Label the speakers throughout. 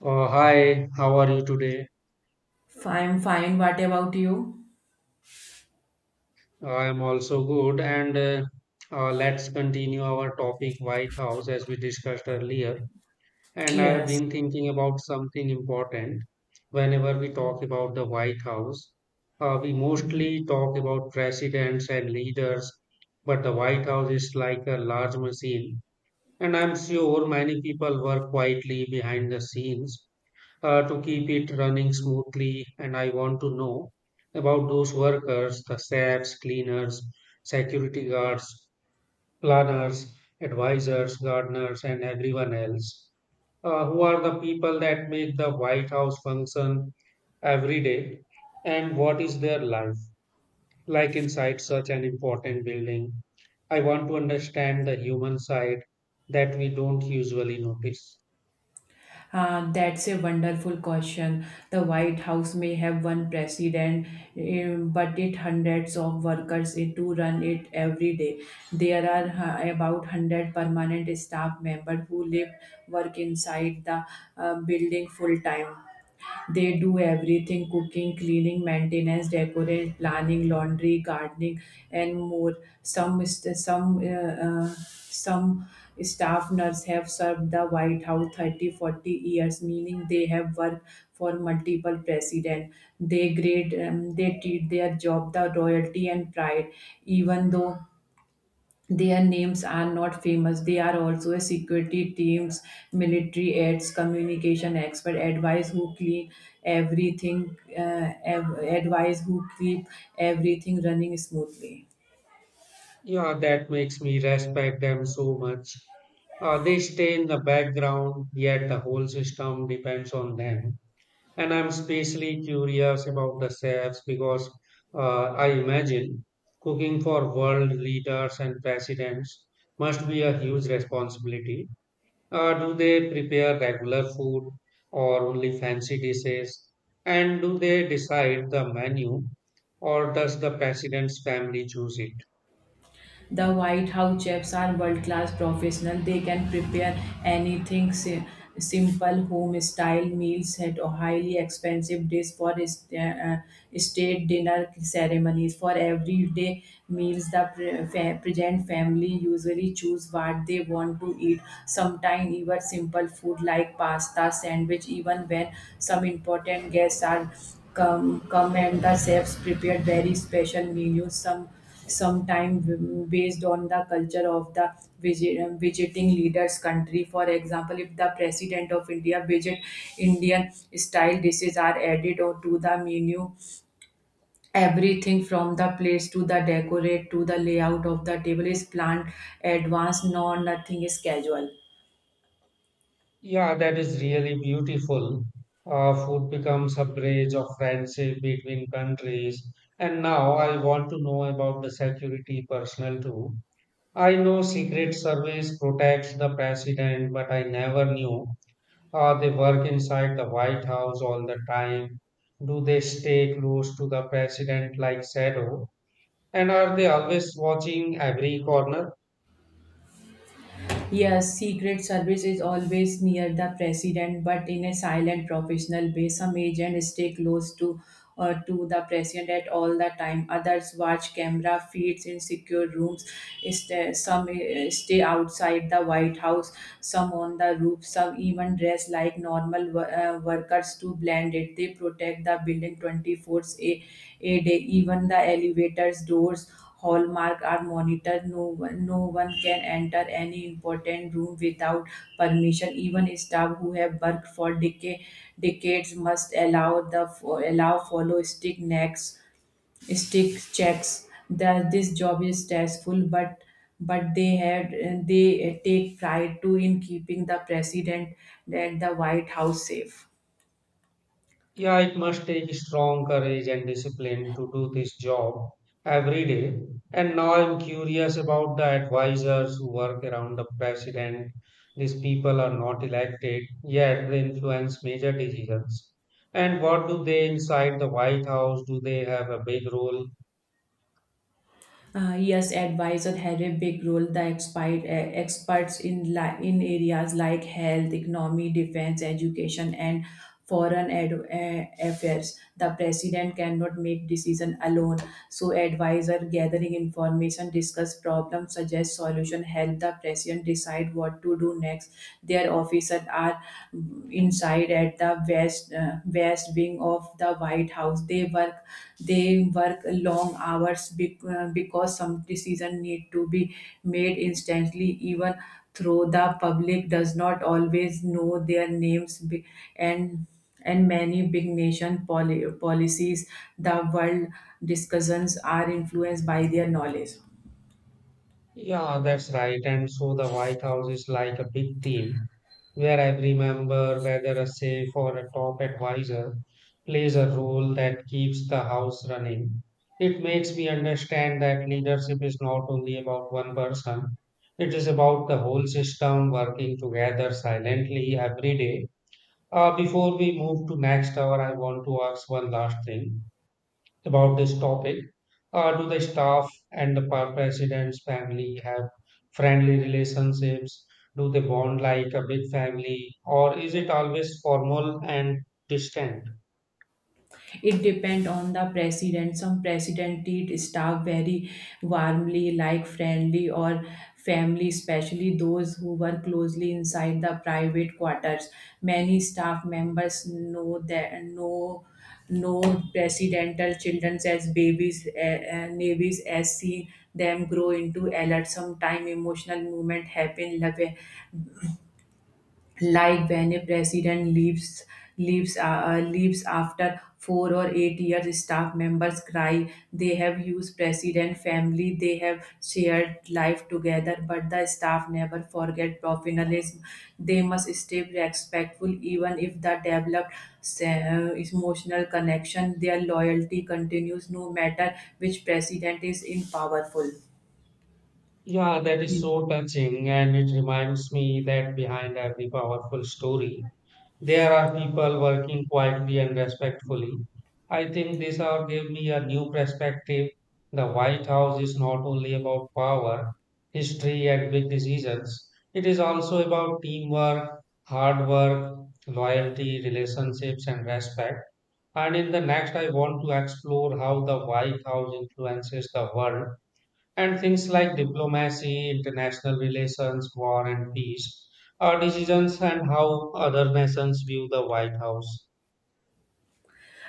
Speaker 1: Hi, how are you today?
Speaker 2: I'm fine. What about you?
Speaker 1: I am also good. And Let's continue our topic White House as we discussed earlier. And I've
Speaker 2: Yes.
Speaker 1: been thinking about something important. Whenever we talk about the White House, we mostly talk about presidents and leaders, but the White House is like a large machine. And I'm sure many people work quietly behind the scenes to keep it running smoothly. And I want to know about those workers, the chefs, cleaners, security guards, planners, advisors, gardeners, and everyone else who are the people that make the White House function every day. And what is their life like inside such an important building? I want to understand the human side that we don't usually notice.
Speaker 2: That's a wonderful question. The White House may have one president, but it hundreds of workers to run it every day. There are about 100 permanent staff members who live work inside the building full time. They do everything cooking, cleaning, maintenance, decoration, planning, laundry, gardening, and more. Some staff nurse have served the White House 30, 40 years, meaning they have worked for multiple presidents. They grade, they treat their job the royalty and pride, even though their names are not famous. They are also a security teams, military aids, communication expert, advice who clean everything, advise who keep everything running smoothly.
Speaker 1: Yeah, that makes me respect them so much. They stay in the background, yet the whole system depends on them. And I'm especially curious about the chefs because I imagine cooking for world leaders and presidents must be a huge responsibility. Do they prepare regular food or only fancy dishes? And do they decide the menu or does the president's family choose it?
Speaker 2: The White House chefs are world class professionals. They can prepare anything simple home style meals at a highly expensive dish for state dinner ceremonies. For everyday meals, the present family usually choose what they want to eat. Sometimes even simple food like pasta, sandwich, even when some important guests are come and the chefs prepared very special menus. Sometime based on the culture of the visiting leaders country, for example if the president of india visit indian style dishes are added or to the menu. Everything from the place to the decorate to the layout of the table is planned advanced, no nothing is casual.
Speaker 1: Yeah, that is really beautiful. Food becomes a bridge of friendship between countries. And now I want to know about the security personnel too. I know Secret Service protects the president, but I never knew. They work inside the White House all the time. Do they stay close to the president like shadow? And are they always watching every corner?
Speaker 2: Yes, Secret Service is always near the president, but in a silent professional way. Some agents stay close to the president at all the time. Others watch camera feeds in secure rooms. Some stay outside the White House, some on the roof, some even dress like normal workers to blend it. They protect the building 24 a day, even the elevators, doors hallmark are monitored. No one can enter any important room without permission, even staff who have worked for decades must allow the allow follow stick necks stick checks. The, this job is stressful, but they take pride too in keeping the president and the white house safe.
Speaker 1: Yeah, it must take strong courage and discipline to do this job every day. And now I'm curious about the advisors who work around the president. These people are not elected, yet they influence major decisions. And what do they inside the White House? Do they have a big role?
Speaker 2: Yes, advisor have a big role. The expert, experts in in areas like health, economy, defense, education, and foreign affairs. The president cannot make decision alone. So, advisor gathering information, discuss problems, suggest solution, help the president decide what to do next. Their officers are inside at the west wing of the White House. They work long hours because some decision need to be made instantly. Even though the public does not always know their names, and and many big nation policies, the world discussions are influenced by their knowledge.
Speaker 1: Yeah, that's right. And so the White House is like a big team where I remember whether a safe or a top advisor plays a role that keeps the house running. It makes me understand that leadership is not only about one person, it is about the whole system working together silently every day. Before we move to next hour, I want to ask one last thing about this topic. Do the staff and the president's family have friendly relationships? Do they bond like a big family, or is it always formal and distant?
Speaker 2: It depend on the president. Some president treat staff very warmly, like friendly or family, especially those who work closely inside the private quarters. Many staff members know that know no presidental children as babies, navies as seen them grow into adults. Sometime emotional movement happen, like when a president leaves after 4 or 8 years. Staff members cry, they have used president family, they have shared life together. But the staff never forget professionalism, they must stay respectful even if the developed emotional connection. Their loyalty continues no matter which president is in powerful.
Speaker 1: Yeah, that is so touching, and it reminds me that behind every powerful story there are people working quietly and respectfully. I think this hour gave me a new perspective. The White House is not only about power, history, and big decisions, it is also about teamwork, hard work, loyalty, relationships, and respect. And in the next, I want to explore how the White House influences the world and things like diplomacy, international relations, war and peace, our decisions and how other nations view the White House.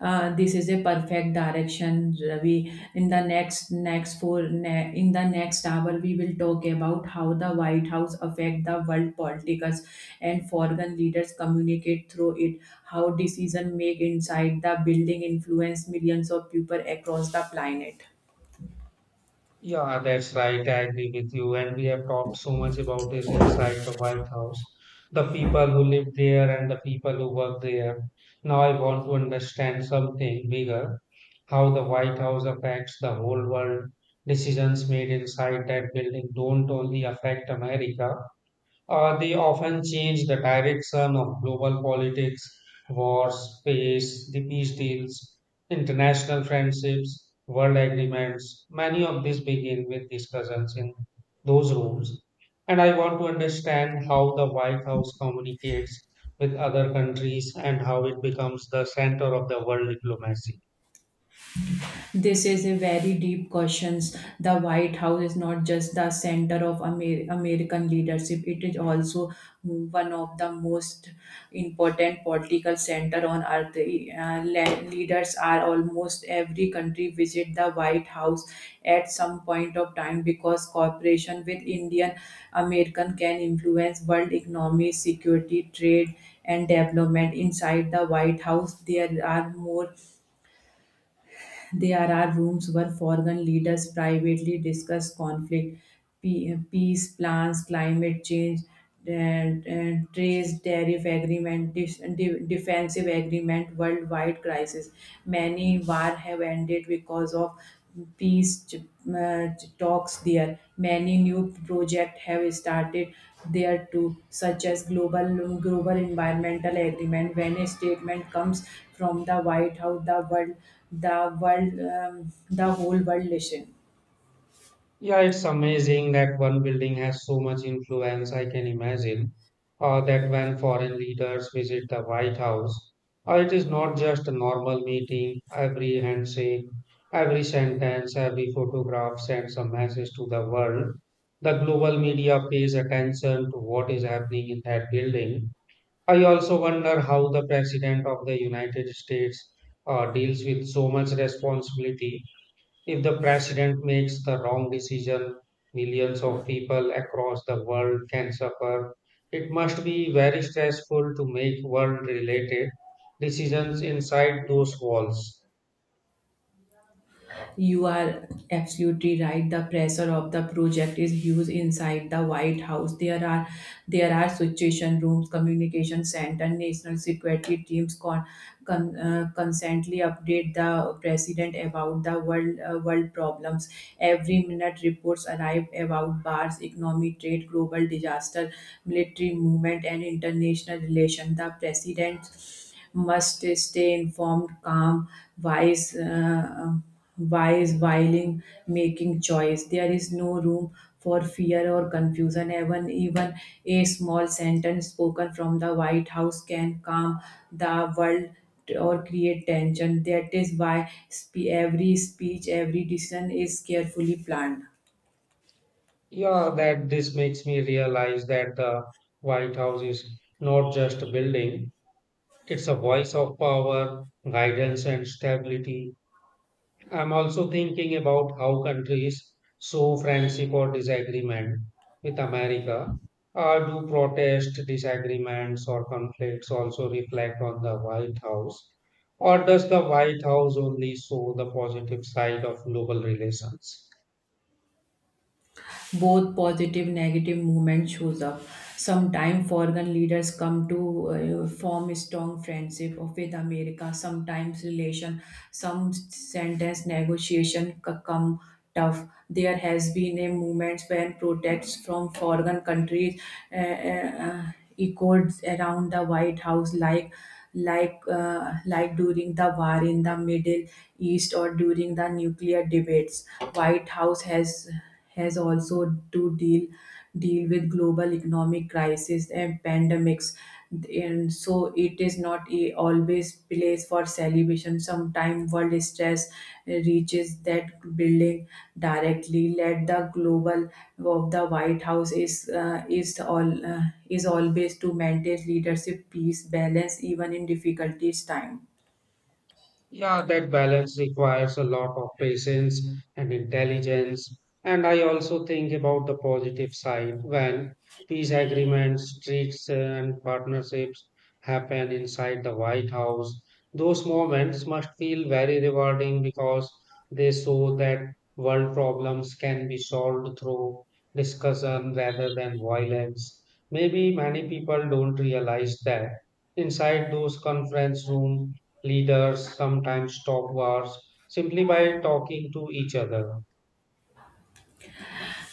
Speaker 2: Uh, this is a perfect direction, Ravi. In the next hour we will talk about how the White House affect the world politics, and foreign leaders communicate through it, how decision make inside the building influence millions of people across the planet.
Speaker 1: Yeah, that's right. I agree with you. And we have talked so much about this inside the White House, the people who live there and the people who work there. Now I want to understand something bigger, how the White House affects the whole world. Decisions made inside that building don't only affect America. They often change the direction of global politics, wars, space, the peace deals, international friendships, world agreements. Many of these begin with discussions in those rooms. And I want to understand how the White House communicates with other countries and how it becomes the center of the world diplomacy.
Speaker 2: This is a very deep question. The White House is not just the center of American leadership; it is also one of the most important political center on earth. Le- leaders are almost every country visit the White House at some point of time because cooperation with Indian American can influence world economy, security, trade, and development. Inside the White House, there are rooms where foreign leaders privately discuss conflict, peace plans, climate change, and trade tariff agreement, defensive agreement, worldwide crisis. Many war have ended because of peace ch- uh, talks there. Many new projects have started there too, such as global environmental agreement. When a statement comes from the White House, the whole world listen.
Speaker 1: Yeah, it's amazing that one building has so much influence. I can imagine that when foreign leaders visit the White House, it is not just a normal meeting. Every handshake, every sentence, every photograph sends a message to the world. The global media pays attention to what is happening in that building. I also wonder how the President of the United States deals with so much responsibility. If the president makes the wrong decision, millions of people across the world can suffer. It must be very stressful to make world related decisions inside those walls.
Speaker 2: You are absolutely right. The pressure of the project is huge inside the White House. There are situation rooms, communication center, national security teams constantly update the president about the world problems. Every minute reports arrive about bars, economy, trade, global disaster, military movement, and international relations. The president must stay informed, calm, wise. Wise while making choice. There is no room for fear or confusion. Even a small sentence spoken from the White House can calm the world or create tension. That is why every speech, every decision is carefully planned.
Speaker 1: Yeah, that this makes me realize that the White House is not just a building, it's a voice of power, guidance, and stability. I'm also thinking about how countries show friendship or disagreement with America. Do protest, disagreements, or conflicts also reflect on the White House? Or does the White House only show the positive side of global relations?
Speaker 2: Both positive negative movement shows up. Sometimes foreign leaders come to form strong friendship with america. Sometimes relation, some sentence negotiation come tough. There has been a movement when protests from foreign countries uh, uh, uh, echoed around the white house, like during the war in the middle east or during the nuclear debates. White house has also to deal with global economic crisis and pandemics. And so it is not a always place for celebration, sometimes world stress reaches that building directly. Let the global of the white house is all is always to maintain leadership peace balance even in difficulties time.
Speaker 1: Yeah, that balance requires a lot of patience and intelligence. And I also think about the positive side when peace agreements, treats, and partnerships happen inside the White House. Those moments must feel very rewarding because they show that world problems can be solved through discussion rather than violence. Maybe many people don't realize that inside those conference rooms leaders sometimes stop wars simply by talking to each other.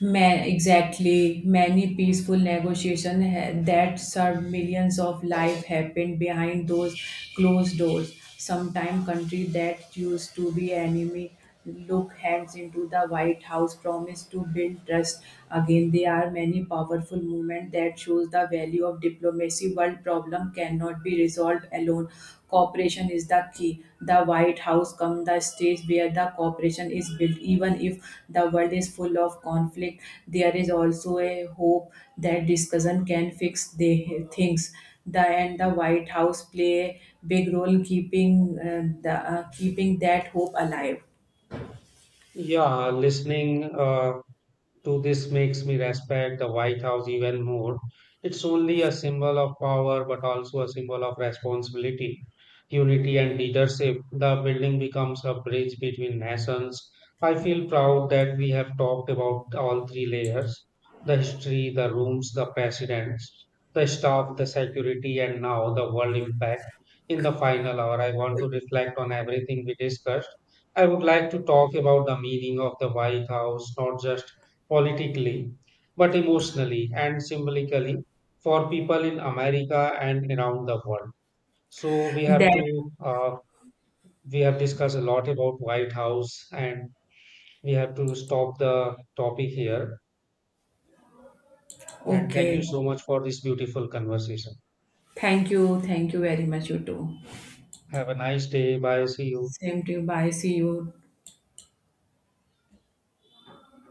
Speaker 2: Ma- exactly. Many peaceful negotiations that served millions of lives happened behind those closed doors. Sometimes countries that used to be enemy look hands into the White House, promise to build trust. Again, there are many powerful movements that shows the value of diplomacy. World problem cannot be resolved alone. Cooperation is the key. The White House comes the stage where the cooperation is built. Even if the world is full of conflict, there is also a hope that discussion can fix the things. The and the White House play a big role keeping the keeping that hope alive.
Speaker 1: Yeah, listening. To this makes me respect the White House even more. It's only a symbol of power, but also a symbol of responsibility, unity, and leadership. The building becomes a bridge between nations. I feel proud that we have talked about all three layers, the history, the rooms, the presidents, the staff, the security, and now the world impact. In the final hour, I want to reflect on everything we discussed. I would like to talk about the meaning of the White House, not just politically, but emotionally and symbolically for people in America and around the world. So we have
Speaker 2: That
Speaker 1: to uh, we have discussed a lot about White House, and we have to stop the topic here. And thank you
Speaker 2: okay.
Speaker 1: so much for this beautiful conversation.
Speaker 2: Thank you. Thank you very much. You too.
Speaker 1: Have a nice day. Bye. See you.
Speaker 2: Same to you. Bye. See you.